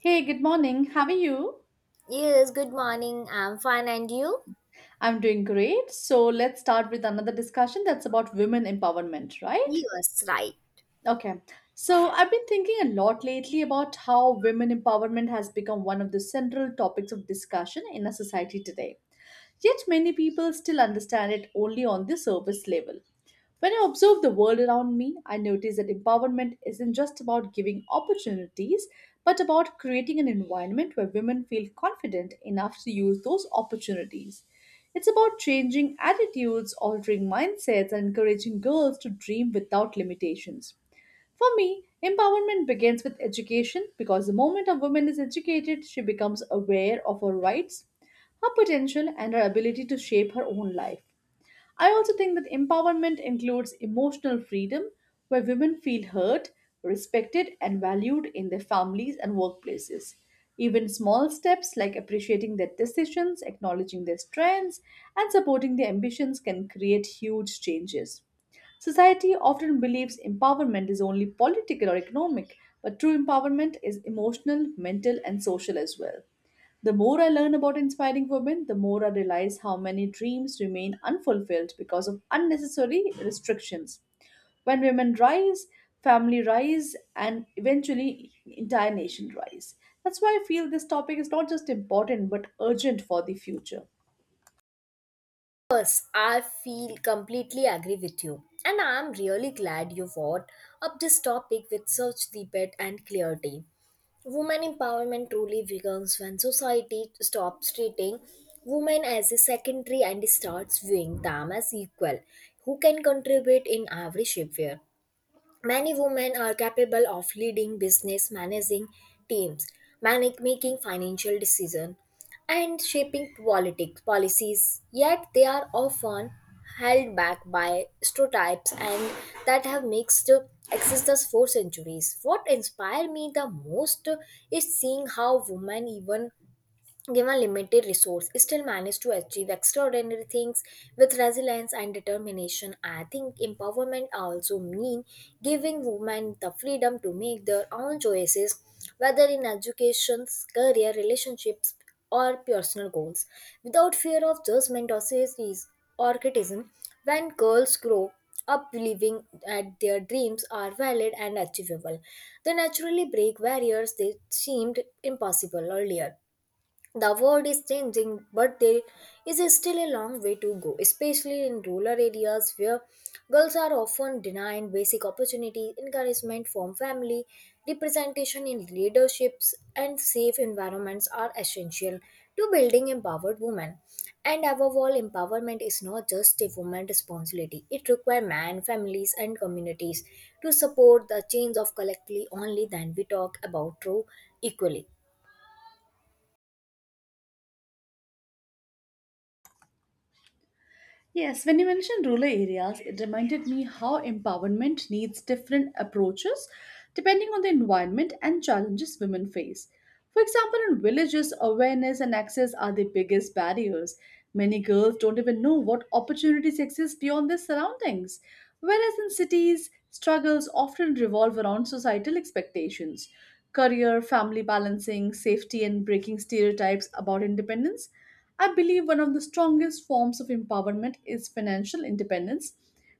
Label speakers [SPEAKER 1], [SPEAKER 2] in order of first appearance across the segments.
[SPEAKER 1] Hey, good morning. How are you?
[SPEAKER 2] Yes, good morning. I'm fine, and you?
[SPEAKER 1] I'm doing great. So let's start with another discussion that's about women empowerment, right?
[SPEAKER 2] Yes, right.
[SPEAKER 1] Okay. So I've been thinking a lot lately about how women empowerment has become one of the central topics of discussion in our society today. Yet many people still understand it only on the surface level. When I observe the world around me, I notice that empowerment isn't just about giving opportunities, but about creating an environment where women feel confident enough to use those opportunities. It's about changing attitudes, altering mindsets, and encouraging girls to dream without limitations. For me, empowerment begins with education because the moment a woman is educated, she becomes aware of her rights, her potential, and her ability to shape her own life. I also think that empowerment includes emotional freedom, where women feel heard, respected, and valued in their families and workplaces. Even small steps like appreciating their decisions, acknowledging their strengths, and supporting their ambitions can create huge changes. Society often believes empowerment is only political or economic, but true empowerment is emotional, mental, and social as well. The more I learn about inspiring women, the more I realize how many dreams remain unfulfilled because of unnecessary restrictions. When women rise, family rise, and eventually entire nation rise. That's why I feel this topic is not just important but urgent for the future.
[SPEAKER 2] Yes, I feel completely agree with you. And I'm really glad you brought up this topic with such debate and clarity. Women empowerment truly begins when society stops treating women as a secondary and starts viewing them as equal, who can contribute in every shape. Many women are capable of leading business, managing teams, making financial decisions, and shaping politics policies. Yet they are often held back by stereotypes and that have mixed existence for centuries. What inspired me the most is seeing how women even given limited resource still manage to achieve extraordinary things with resilience and determination. I think empowerment also mean giving women the freedom to make their own choices, whether in education, career, relationships, or personal goals, without fear of judgment or criticism. When girls grow up believing that their dreams are valid and achievable, they naturally break barriers that seemed impossible earlier. The world is changing, but there is still a long way to go, especially in rural areas where girls are often denied basic opportunities. Encouragement from family, representation in leaderships, and safe environments are essential to building empowered women. And above all, empowerment is not just a woman's responsibility. It requires men, families, and communities to support the change of collectively. Only then we talk about true equality.
[SPEAKER 1] Yes, when you mentioned rural areas, it reminded me how empowerment needs different approaches depending on the environment and challenges women face. For example, in villages, awareness and access are the biggest barriers. Many girls don't even know what opportunities exist beyond their surroundings. Whereas in cities, struggles often revolve around societal expectations, career, family balancing, safety, and breaking stereotypes about independence. I believe one of the strongest forms of empowerment is financial independence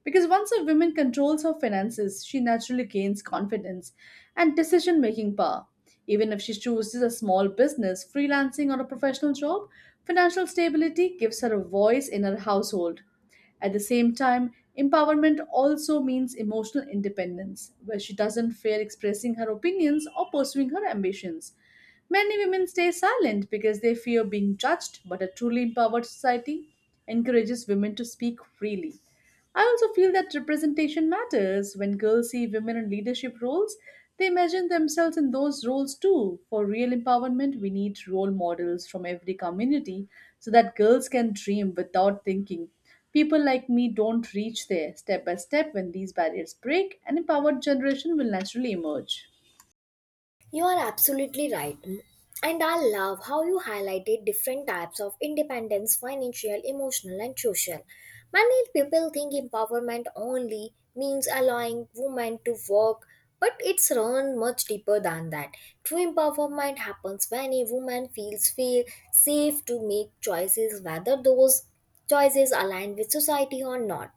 [SPEAKER 1] because once a woman controls her finances, she naturally gains confidence and decision making power. Even if she chooses a small business, freelancing, or a professional job, financial stability gives her a voice in her household. At the same time, empowerment also means emotional independence, where she doesn't fear expressing her opinions or pursuing her ambitions. Many women stay silent because they fear being judged, but a truly empowered society encourages women to speak freely. I also feel that representation matters. When girls see women in leadership roles, they imagine themselves in those roles too. For real empowerment, we need role models from every community so that girls can dream without thinking. People like me don't reach there. Step by step, when these barriers break, an empowered generation will naturally emerge.
[SPEAKER 2] You are absolutely right. And I love how you highlighted different types of independence financial, emotional, and social. Many people think empowerment only means allowing women to work, but it's run much deeper than that. True empowerment happens when a woman feels feel safe to make choices, whether those choices align with society or not.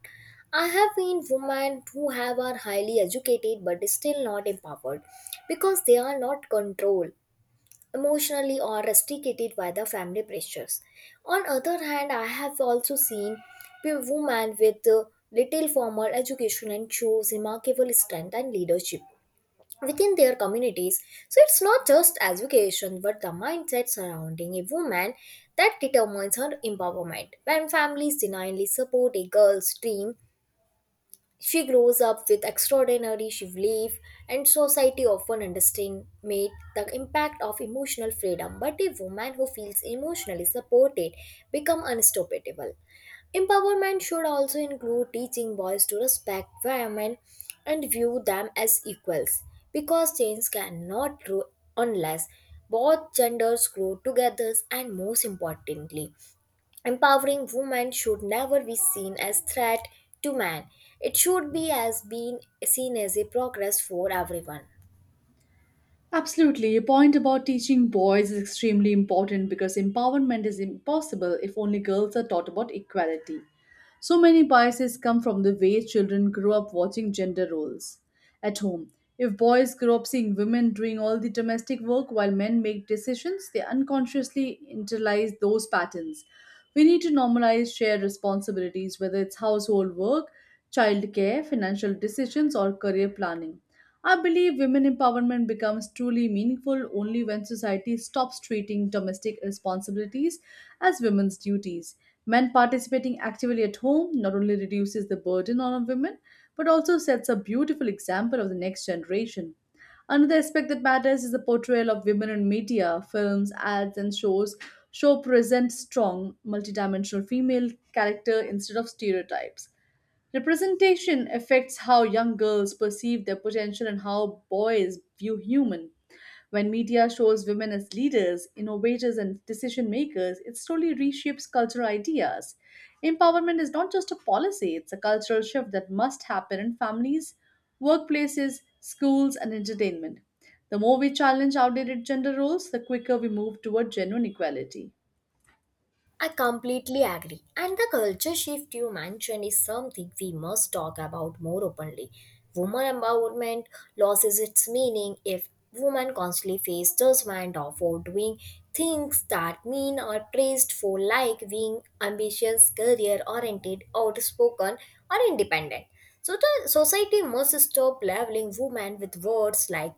[SPEAKER 2] I have seen women who have are highly educated but still not empowered because they are not controlled emotionally or restricted by the family pressures. On other hand, I have also seen women with little formal education and shows remarkable strength and leadership within their communities. So it's not just education but the mindset surrounding a woman that determines her empowerment. When families denially support a girl's dream, she grows up with extraordinary relief, and society often underestimates the impact of emotional freedom. But a woman who feels emotionally supported becomes unstoppable. Empowerment should also include teaching boys to respect women and view them as equals, because change cannot grow unless both genders grow together. And most importantly, empowering women should never be seen as threat to man. It should be as being seen as a progress for everyone.
[SPEAKER 1] Absolutely. Your point about teaching boys is extremely important because empowerment is impossible if only girls are taught about equality. So many biases come from the way children grow up watching gender roles. At home, if boys grow up seeing women doing all the domestic work while men make decisions, they unconsciously internalize those patterns. We need to normalize shared responsibilities, whether it's household work, childcare, financial decisions, or career planning. I believe women empowerment becomes truly meaningful only when society stops treating domestic responsibilities as women's duties. Men participating actively at home not only reduces the burden on women but also sets a beautiful example of the next generation. Another aspect that matters is the portrayal of women in media, films, ads, and shows. Show present strong, multidimensional female character instead of stereotypes. Representation affects how young girls perceive their potential and how boys view human. When media shows women as leaders, innovators, and decision makers, it slowly reshapes cultural ideas. Empowerment is not just a policy, it's a cultural shift that must happen in families, workplaces, schools, and entertainment. The more we challenge outdated gender roles, the quicker we move toward genuine equality.
[SPEAKER 2] I completely agree. And the culture shift you mentioned is something we must talk about more openly. Woman empowerment loses its meaning if women constantly face judgment or for doing things that mean or praised for, like being ambitious, career oriented, outspoken or independent. So the society must stop labeling women with words like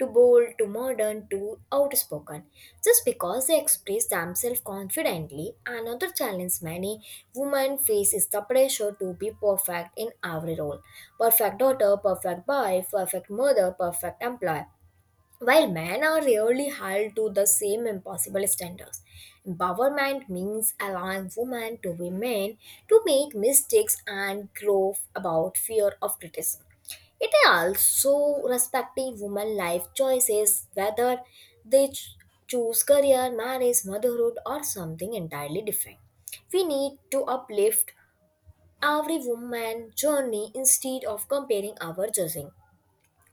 [SPEAKER 2] to bold, to modern, to outspoken, just because they express themselves confidently. Another challenge many women face is the pressure to be perfect in every role perfect daughter, perfect wife, perfect mother, perfect employee. While men are rarely held to the same impossible standards, empowerment means allowing women to be men, to make mistakes and grow about fear of criticism. It also respecting women life choices, whether they ch- choose career, marriage, motherhood, or something entirely different. We need to uplift every woman journey instead of comparing our judging.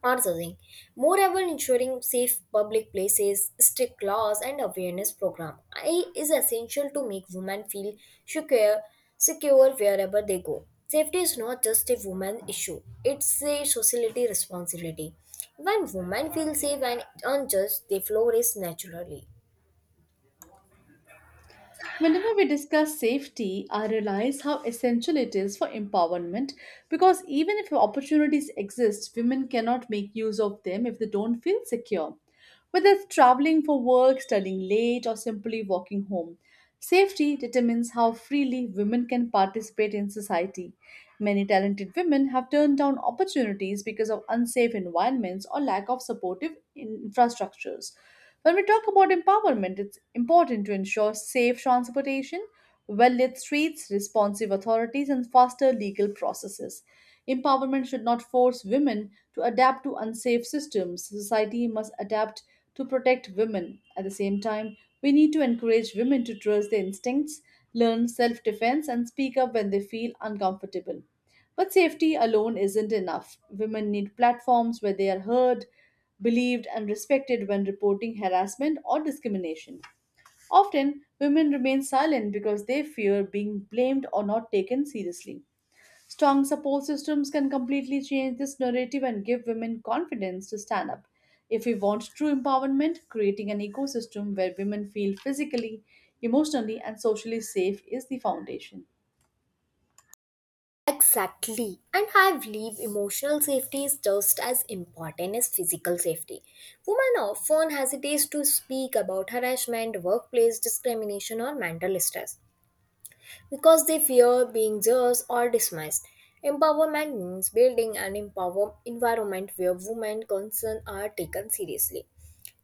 [SPEAKER 2] Another Moreover, ensuring safe public places, strict laws, and awareness program is essential to make women feel secure, secure wherever they go. Safety is not just a woman issue; it's a society responsibility. When women feel safe and unjust, they flourish naturally.
[SPEAKER 1] Whenever we discuss safety, I realize how essential it is for empowerment because even if opportunities exist, women cannot make use of them if they don't feel secure. Whether it's traveling for work, studying late, or simply walking home, safety determines how freely women can participate in society. Many talented women have turned down opportunities because of unsafe environments or lack of supportive infrastructures. When we talk about empowerment, it's important to ensure safe transportation, well lit streets, responsive authorities, and faster legal processes. Empowerment should not force women to adapt to unsafe systems. Society must adapt to protect women. At the same time, we need to encourage women to trust their instincts, learn self defense, and speak up when they feel uncomfortable. But safety alone isn't enough. Women need platforms where they are heard, believed, and respected when reporting harassment or discrimination. Often, women remain silent because they fear being blamed or not taken seriously. Strong support systems can completely change this narrative and give women confidence to stand up. If we want true empowerment, creating an ecosystem where women feel physically, emotionally, and socially safe is the foundation.
[SPEAKER 2] Exactly. And I believe emotional safety is just as important as physical safety. Women often hesitate to speak about harassment, workplace discrimination, or mental stress because they fear being judged or dismissed. Empowerment means building an empowered environment where women's concerns are taken seriously,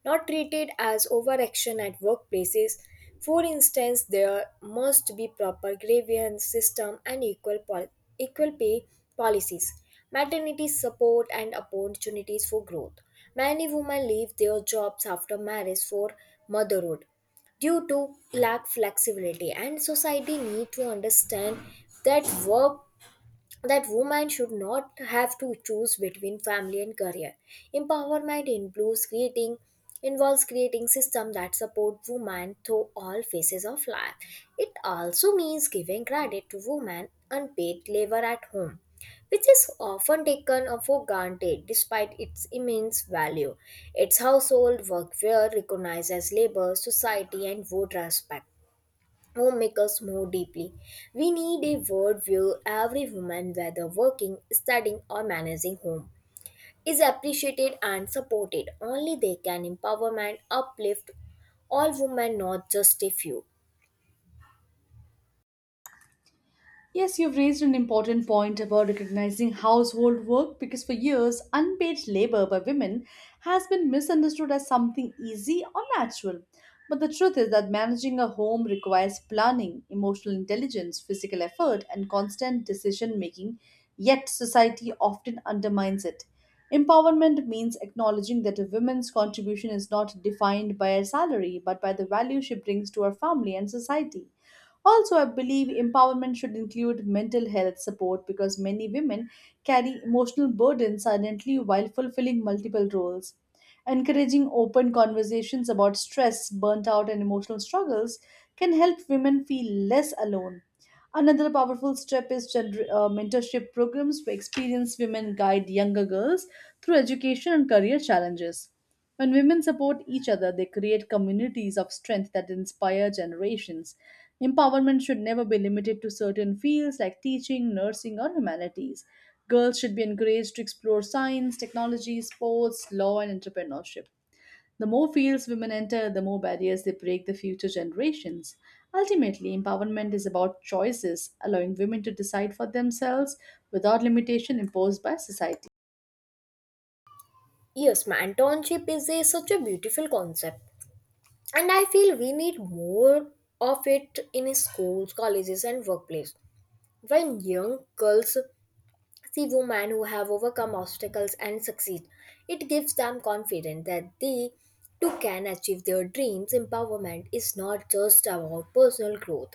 [SPEAKER 2] not treated as overaction at workplaces. For instance, there must be proper grievance system and equal pay policies, maternity support and opportunities for growth. Many women leave their jobs after marriage for motherhood due to lack flexibility and society need to understand that work that women should not have to choose between family and career. Empowerment includes creating involves creating systems that support women through all phases of life. It also means giving credit to women unpaid labor at home, which is often taken for granted despite its immense value. Its household work were recognized as labor, society and would respect homemakers more deeply. We need a worldview every woman, whether working, studying, or managing home, is appreciated and supported. Only they can empowerment uplift all women, not just a few.
[SPEAKER 1] Yes, you've raised an important point about recognizing household work because for years, unpaid labor by women has been misunderstood as something easy or natural. But the truth is that managing a home requires planning, emotional intelligence, physical effort, and constant decision making, yet, society often undermines it. Empowerment means acknowledging that a woman's contribution is not defined by her salary but by the value she brings to her family and society. Also, I believe empowerment should include mental health support because many women carry emotional burdens silently while fulfilling multiple roles. Encouraging open conversations about stress, burnt out, and emotional struggles can help women feel less alone. Another powerful step is gender, mentorship programs where experienced women guide younger girls through education and career challenges. When women support each other, they create communities of strength that inspire generations. Empowerment should never be limited to certain fields like teaching, nursing, or humanities. Girls should be encouraged to explore science, technology, sports, law, and entrepreneurship. The more fields women enter, the more barriers they break the future generations. Ultimately, empowerment is about choices, allowing women to decide for themselves without limitation imposed by society.
[SPEAKER 2] Yes, mentorship is such a beautiful concept, and I feel we need more of it in schools, colleges, and workplace. When young girls see women who have overcome obstacles and succeed, it gives them confidence that they too can achieve their dreams. Empowerment is not just about personal growth,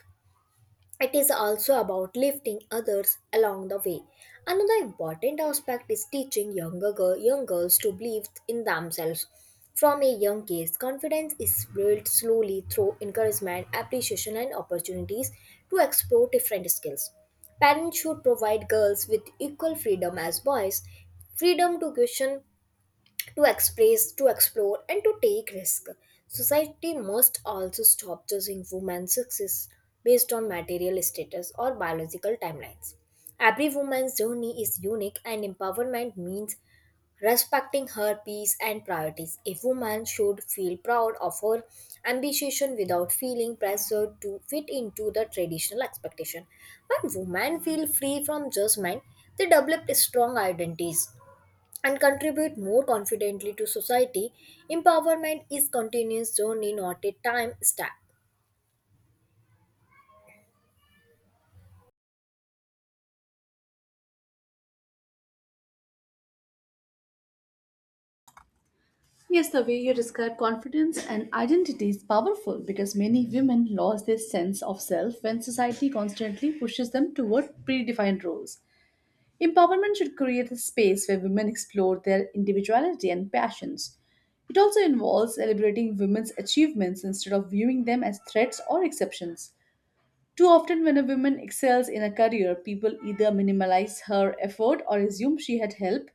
[SPEAKER 2] it is also about lifting others along the way. Another important aspect is teaching young girls to believe in themselves. From a young age, confidence is built slowly through encouragement, appreciation, and opportunities to explore different skills. Parents should provide girls with equal freedom as boys freedom to question, to express, to explore, and to take risk. Society must also stop judging women's success based on material status or biological timelines. Every woman's journey is unique, and empowerment means respecting her peace and priorities. A woman should feel proud of her ambition without feeling pressured to fit into the traditional expectation. When women feel free from judgment, they develop strong identities and contribute more confidently to society. Empowerment is continuous journey, not a time stamp.
[SPEAKER 1] Yes, the way you describe confidence and identity is powerful because many women lose their sense of self when society constantly pushes them toward predefined roles. Empowerment should create a space where women explore their individuality and passions. It also involves celebrating women's achievements instead of viewing them as threats or exceptions. Too often, when a woman excels in a career, people either minimize her effort or assume she had help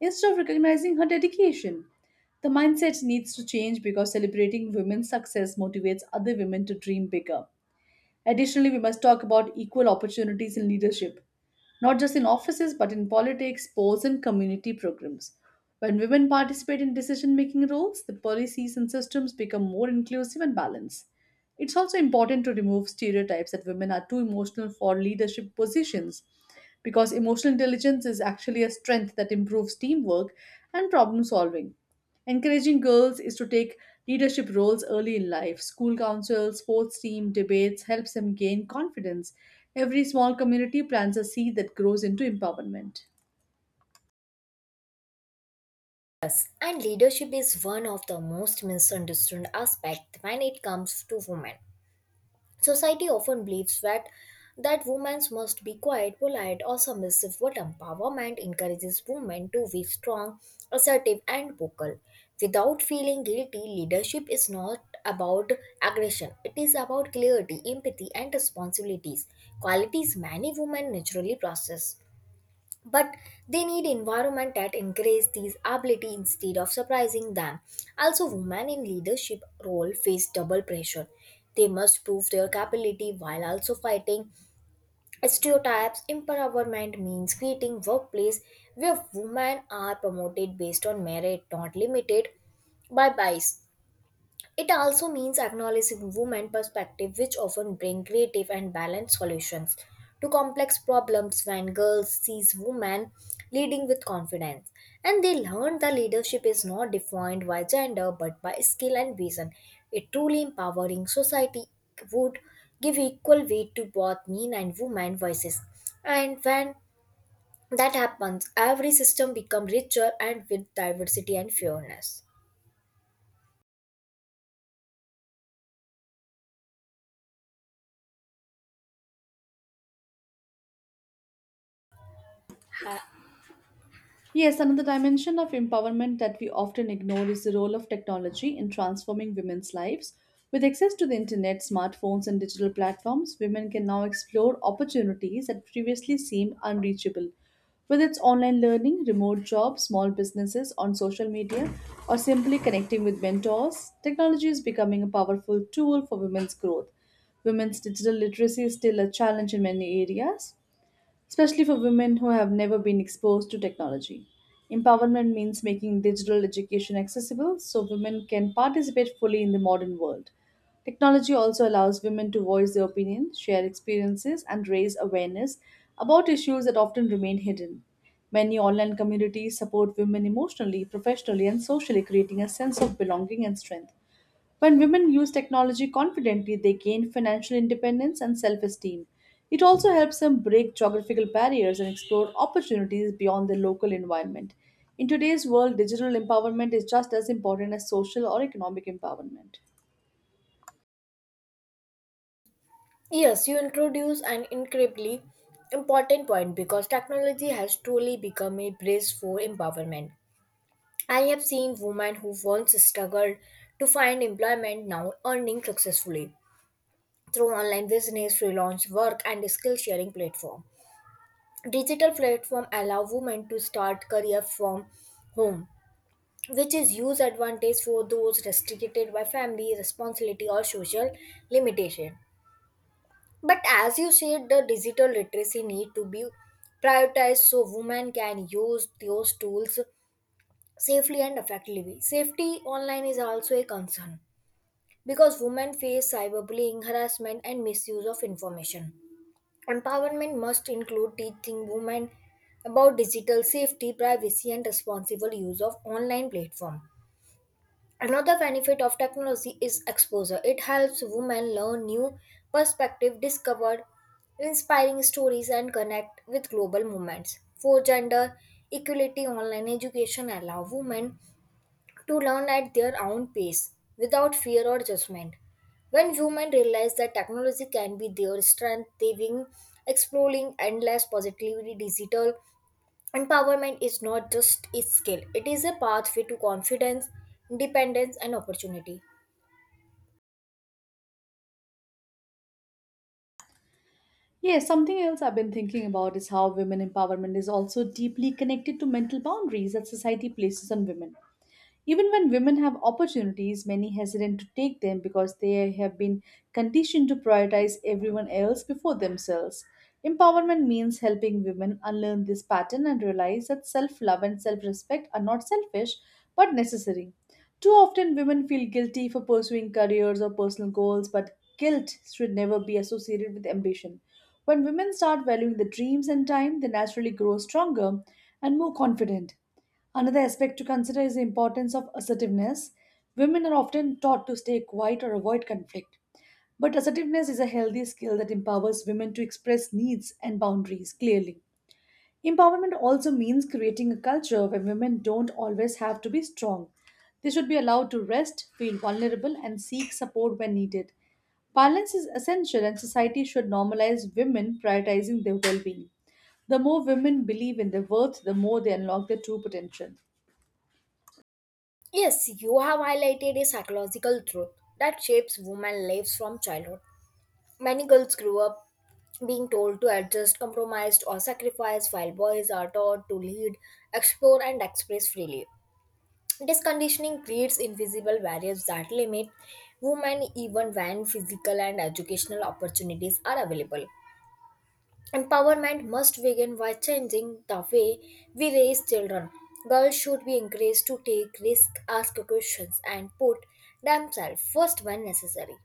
[SPEAKER 1] instead of recognizing her dedication. The mindset needs to change because celebrating women's success motivates other women to dream bigger. Additionally, we must talk about equal opportunities in leadership, not just in offices, but in politics, sports, and community programs. When women participate in decision making roles, the policies and systems become more inclusive and balanced. It's also important to remove stereotypes that women are too emotional for leadership positions because emotional intelligence is actually a strength that improves teamwork and problem solving. Encouraging girls is to take leadership roles early in life. School councils, sports team, debates helps them gain confidence. Every small community plants a seed that grows into empowerment.
[SPEAKER 2] And leadership is one of the most misunderstood aspects when it comes to women. Society often believes that women must be quiet, polite, or submissive, but empowerment encourages women to be strong, assertive, and vocal. Without feeling guilty, leadership is not about aggression. It is about clarity, empathy, and responsibilities, qualities many women naturally possess, but they need environment that encourage these ability instead of surprising them. Also, women in leadership role face double pressure. They must prove their capability while also fighting stereotypes. Empowerment means creating workplace where women are promoted based on merit, not limited by bias. It also means acknowledging women' perspective, which often bring creative and balanced solutions to complex problems. When girls sees women leading with confidence, and they learn that leadership is not defined by gender but by skill and vision. A truly empowering society would give equal weight to both men and women voices, and when that happens, every system becomes richer and with diversity and fairness.
[SPEAKER 1] Yes, another dimension of empowerment that we often ignore is the role of technology in transforming women's lives. With access to the internet, smartphones, and digital platforms, women can now explore opportunities that previously seemed unreachable. Whether it's online learning, remote jobs, small businesses on social media, or simply connecting with mentors, technology is becoming a powerful tool for women's growth. Women's digital literacy is still a challenge in many areas, especially for women who have never been exposed to technology. Empowerment means making digital education accessible so women can participate fully in the modern world. Technology also allows women to voice their opinions, share experiences, and raise awareness about issues that often remain hidden. Many online communities support women emotionally, professionally, and socially, creating a sense of belonging and strength. When women use technology confidently, they gain financial independence and self esteem. It also helps them break geographical barriers and explore opportunities beyond their local environment. In today's world, digital empowerment is just as important as social or economic empowerment.
[SPEAKER 2] Yes, you introduce an incredibly important point because technology has truly become a bridge for empowerment. I have seen women who once struggled to find employment now earning successfully through online business, freelance work, and skill sharing platform. Digital platform allow women to start career from home, which is huge advantage for those restricted by family responsibility or social limitation. But as you said, the digital literacy need to be prioritized so women can use those tools safely and effectively. Safety online is also a concern because women face cyberbullying, harassment, and misuse of information. Empowerment must include teaching women about digital safety, privacy, and responsible use of online platform. Another benefit of technology is exposure. It helps women learn new perspectives, discover inspiring stories, and connect with global movements. For gender equality, online education allows women to learn at their own pace without fear or judgment. When women realize that technology can be their strength, they begin exploring endless positively digital. Empowerment is not just a skill, it is a pathway to confidence, independence, and opportunity.
[SPEAKER 1] Yeah, something else I've been thinking about is how women empowerment is also deeply connected to mental boundaries that society places on women. Even when women have opportunities, many hesitant to take them because they have been conditioned to prioritize everyone else before themselves. Empowerment means helping women unlearn this pattern and realize that self love and self respect are not selfish but necessary. Too often, women feel guilty for pursuing careers or personal goals, but guilt should never be associated with ambition. When women start valuing their dreams and time, they naturally grow stronger and more confident. Another aspect to consider is the importance of assertiveness. Women are often taught to stay quiet or avoid conflict. But assertiveness is a healthy skill that empowers women to express needs and boundaries clearly. Empowerment also means creating a culture where women don't always have to be strong. They should be allowed to rest, feel vulnerable, and seek support when needed. Balance is essential, and society should normalize women prioritizing their well being. The more women believe in their worth, the more they unlock their true potential.
[SPEAKER 2] Yes, you have highlighted a psychological truth that shapes women's lives from childhood. Many girls grew up being told to adjust, compromise, or sacrifice, while boys are taught to lead, explore, and express freely. This conditioning creates invisible barriers that limit women even when physical and educational opportunities are available. Empowerment must begin by changing the way we raise children. Girls should be encouraged to take risks, ask questions, and put themselves first when necessary.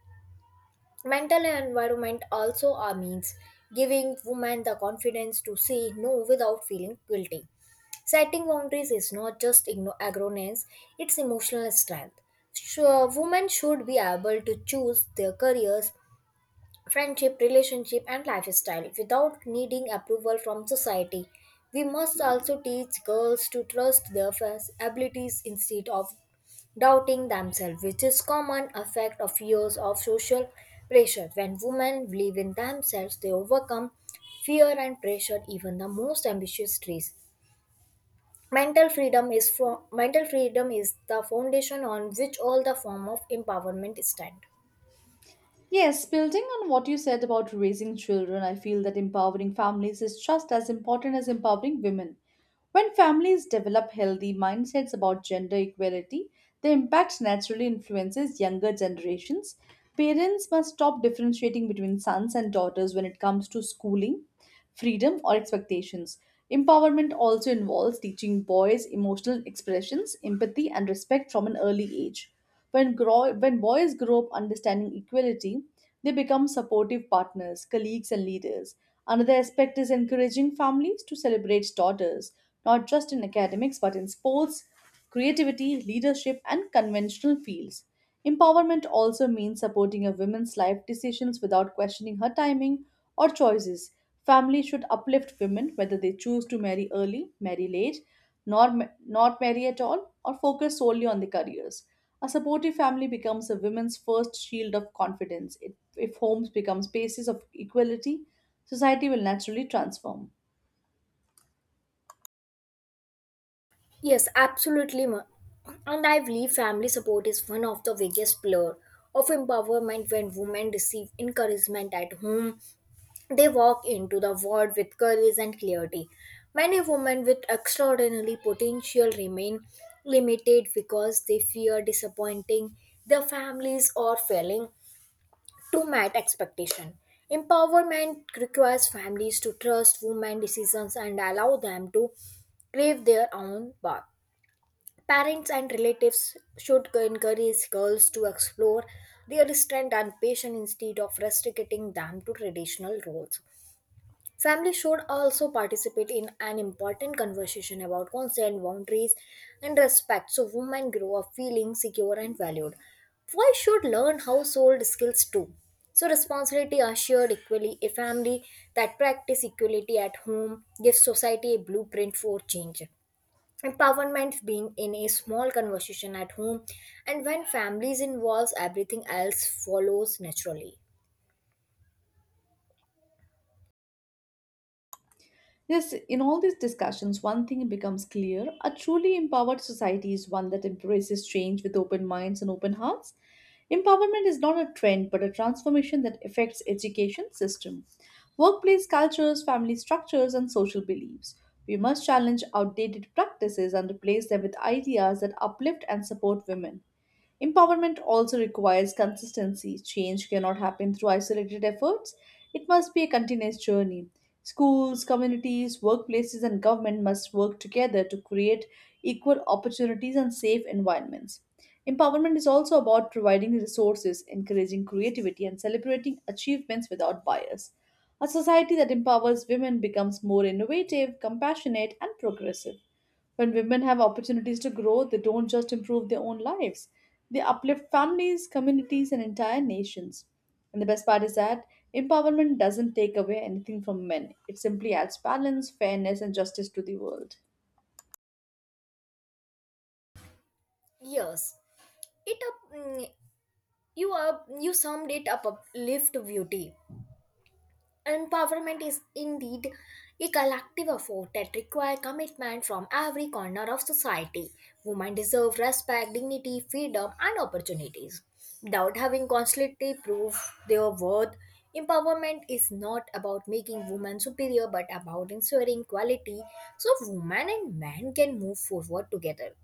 [SPEAKER 2] Mental environment also are means giving women the confidence to say no without feeling guilty. Setting boundaries is not just arrogance, it's emotional strength. So, women should be able to choose their careers, friendship, relationship, and lifestyle without needing approval from society. We must also teach girls to trust their first abilities instead of doubting themselves, which is common effect of years of social pressure. When women believe in themselves, they overcome fear and pressure, even the most ambitious dreams. Mental freedom is from mental freedom is the foundation on which all the form of empowerment stand.
[SPEAKER 1] Yes, building on what you said about raising children, I feel that empowering families is just as important as empowering women. When families develop healthy mindsets about gender equality, the impact naturally influences younger generations. Parents must stop differentiating between sons and daughters when it comes to schooling, freedom, or expectations. Empowerment also involves teaching boys emotional expressions, empathy, and respect from an early age. When boys grow up understanding equality, they become supportive partners, colleagues, and leaders. Another aspect is encouraging families to celebrate daughters, not just in academics but in sports, creativity, leadership, and conventional fields. Empowerment also means supporting a woman's life decisions without questioning her timing or choices. Families should uplift women whether they choose to marry early, marry late, nor ma- not marry at all, or focus solely on their careers. A supportive family becomes a woman's first shield of confidence. It if homes become spaces of equality, society will naturally transform.
[SPEAKER 2] Yes, absolutely. And I believe family support is one of the biggest pillar of empowerment when women receive encouragement at home. They walk into the world with courage and clarity. Many women with extraordinary potential remain limited because they fear disappointing their families or failing to meet expectation. Empowerment requires families to trust women decisions and allow them to crave their own path. Parents and relatives should encourage girls to explore their strength and passion instead of restricting them to traditional roles. Family should also participate in an important conversation about consent, boundaries, and respect so women grow up feeling secure and valued. Why should learn household skills too. So responsibility are shared equally. A family that practice equality at home gives society a blueprint for change. Empowerment being in a small conversation at home, and when families involves, everything else follows naturally.
[SPEAKER 1] Yes, in all these discussions, one thing becomes clear: a truly empowered society is one that embraces change with open minds and open hearts. Empowerment is not a trend but a transformation that affects education system, workplace cultures, family structures and social beliefs. We must challenge outdated practices and replace them with ideas that uplift and support women. Empowerment also requires consistency. Change cannot happen through isolated efforts, it must be a continuous journey. Schools, communities, workplaces, and government must work together to create equal opportunities and safe environments. Empowerment is also about providing resources, encouraging creativity, and celebrating achievements without bias. A society that empowers women becomes more innovative, compassionate, and progressive. When women have opportunities to grow, they don't just improve their own lives, they uplift families, communities, and entire nations. And the best part is that empowerment doesn't take away anything from men, it simply adds balance, fairness, and justice to the world.
[SPEAKER 2] Yes, it up mm, you up you summed it up uplift beauty. Empowerment is indeed a collective effort that requires commitment from every corner of society. Women deserve respect, dignity, freedom, and opportunities. Without having constantly prove their worth, empowerment is not about making women superior but about ensuring equality so women and men can move forward together.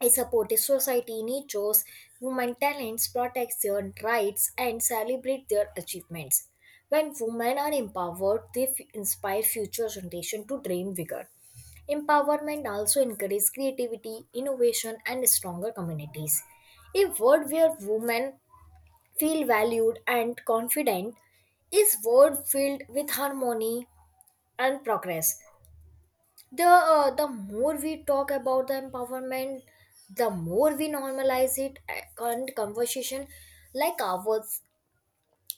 [SPEAKER 2] A supportive society nurtures women talents, protects their rights, and celebrates their achievements. When women are empowered, they inspire future generations to dream bigger. Empowerment also encourages creativity, innovation, and stronger communities. A world where women feel valued and confident is world filled with harmony and progress. The more we talk about the empowerment, the more we normalize it, and conversation like ours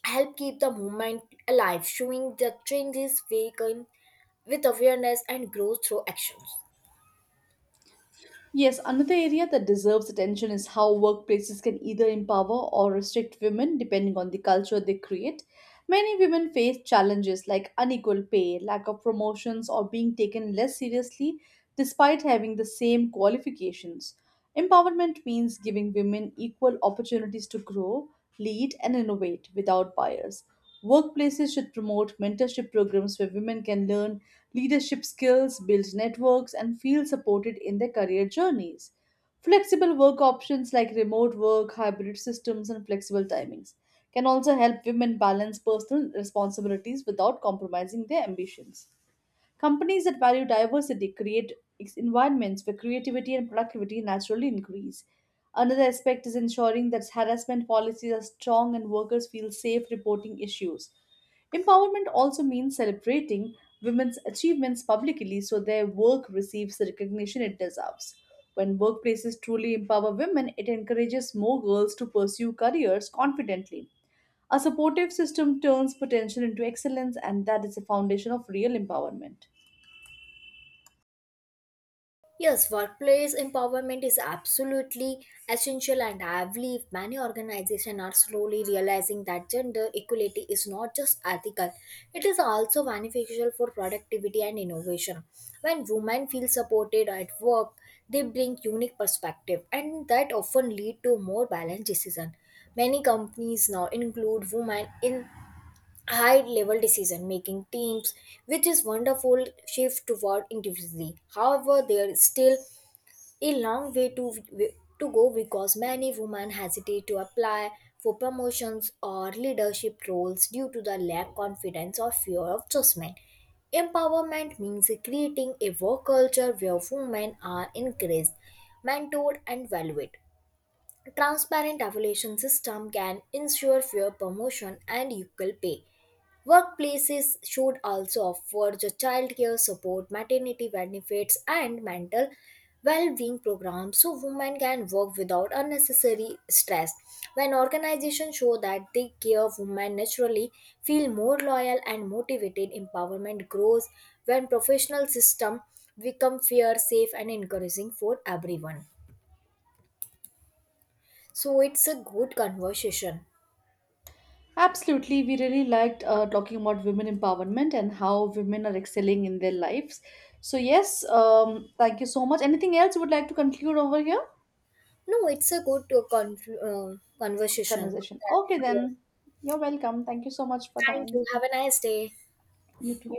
[SPEAKER 2] help keep the movement alive, showing the changes we can with awareness and growth through actions.
[SPEAKER 1] Yes, another area that deserves attention is how workplaces can either empower or restrict women depending on the culture they create. Many women face challenges like unequal pay, lack of promotions, or being taken less seriously despite having the same qualifications. Empowerment means giving women equal opportunities to grow, lead, and innovate without bias. Workplaces should promote mentorship programs where women can learn leadership skills, build networks, and feel supported in their career journeys. Flexible work options like remote work, hybrid systems, and flexible timings can also help women balance personal responsibilities without compromising their ambitions. Companies that value diversity create environments where creativity and productivity naturally increase. Another aspect is ensuring that harassment policies are strong and workers feel safe reporting issues. Empowerment also means celebrating women's achievements publicly so their work receives the recognition it deserves. When workplaces truly empower women, it encourages more girls to pursue careers confidently. A supportive system turns potential into excellence, and that is the foundation of real empowerment.
[SPEAKER 2] Yes, workplace empowerment is absolutely essential, and I believe many organizations are slowly realizing that gender equality is not just ethical, it is also beneficial for productivity and innovation. When women feel supported at work, they bring unique perspective, and that often lead to more balanced decision. Many companies now include women in high level decision making teams, which is wonderful shift toward individually. However, there is still a long way to go because many women hesitate to apply for promotions or leadership roles due to the lack confidence or fear of judgment. Empowerment means creating a work culture where women are encouraged, mentored, and valued. Transparent evaluation system can ensure fair promotion and equal pay. Workplaces should also offer the childcare support, maternity benefits, and mental well-being programs so women can work without unnecessary stress. When organizations show that they care women naturally, feel more loyal and motivated, empowerment grows when professional system become fair, safe, and encouraging for everyone. So it's a good conversation.
[SPEAKER 1] Absolutely, we really liked talking about women empowerment and how women are excelling in their lives. So yes, thank you so much. Anything else you would like to conclude over here?
[SPEAKER 2] No, it's a good uh, conversation.
[SPEAKER 1] Conversation. Okay, then you're welcome. Thank you so much for
[SPEAKER 2] Thank
[SPEAKER 1] time.
[SPEAKER 2] you. Have a nice day.
[SPEAKER 1] You too.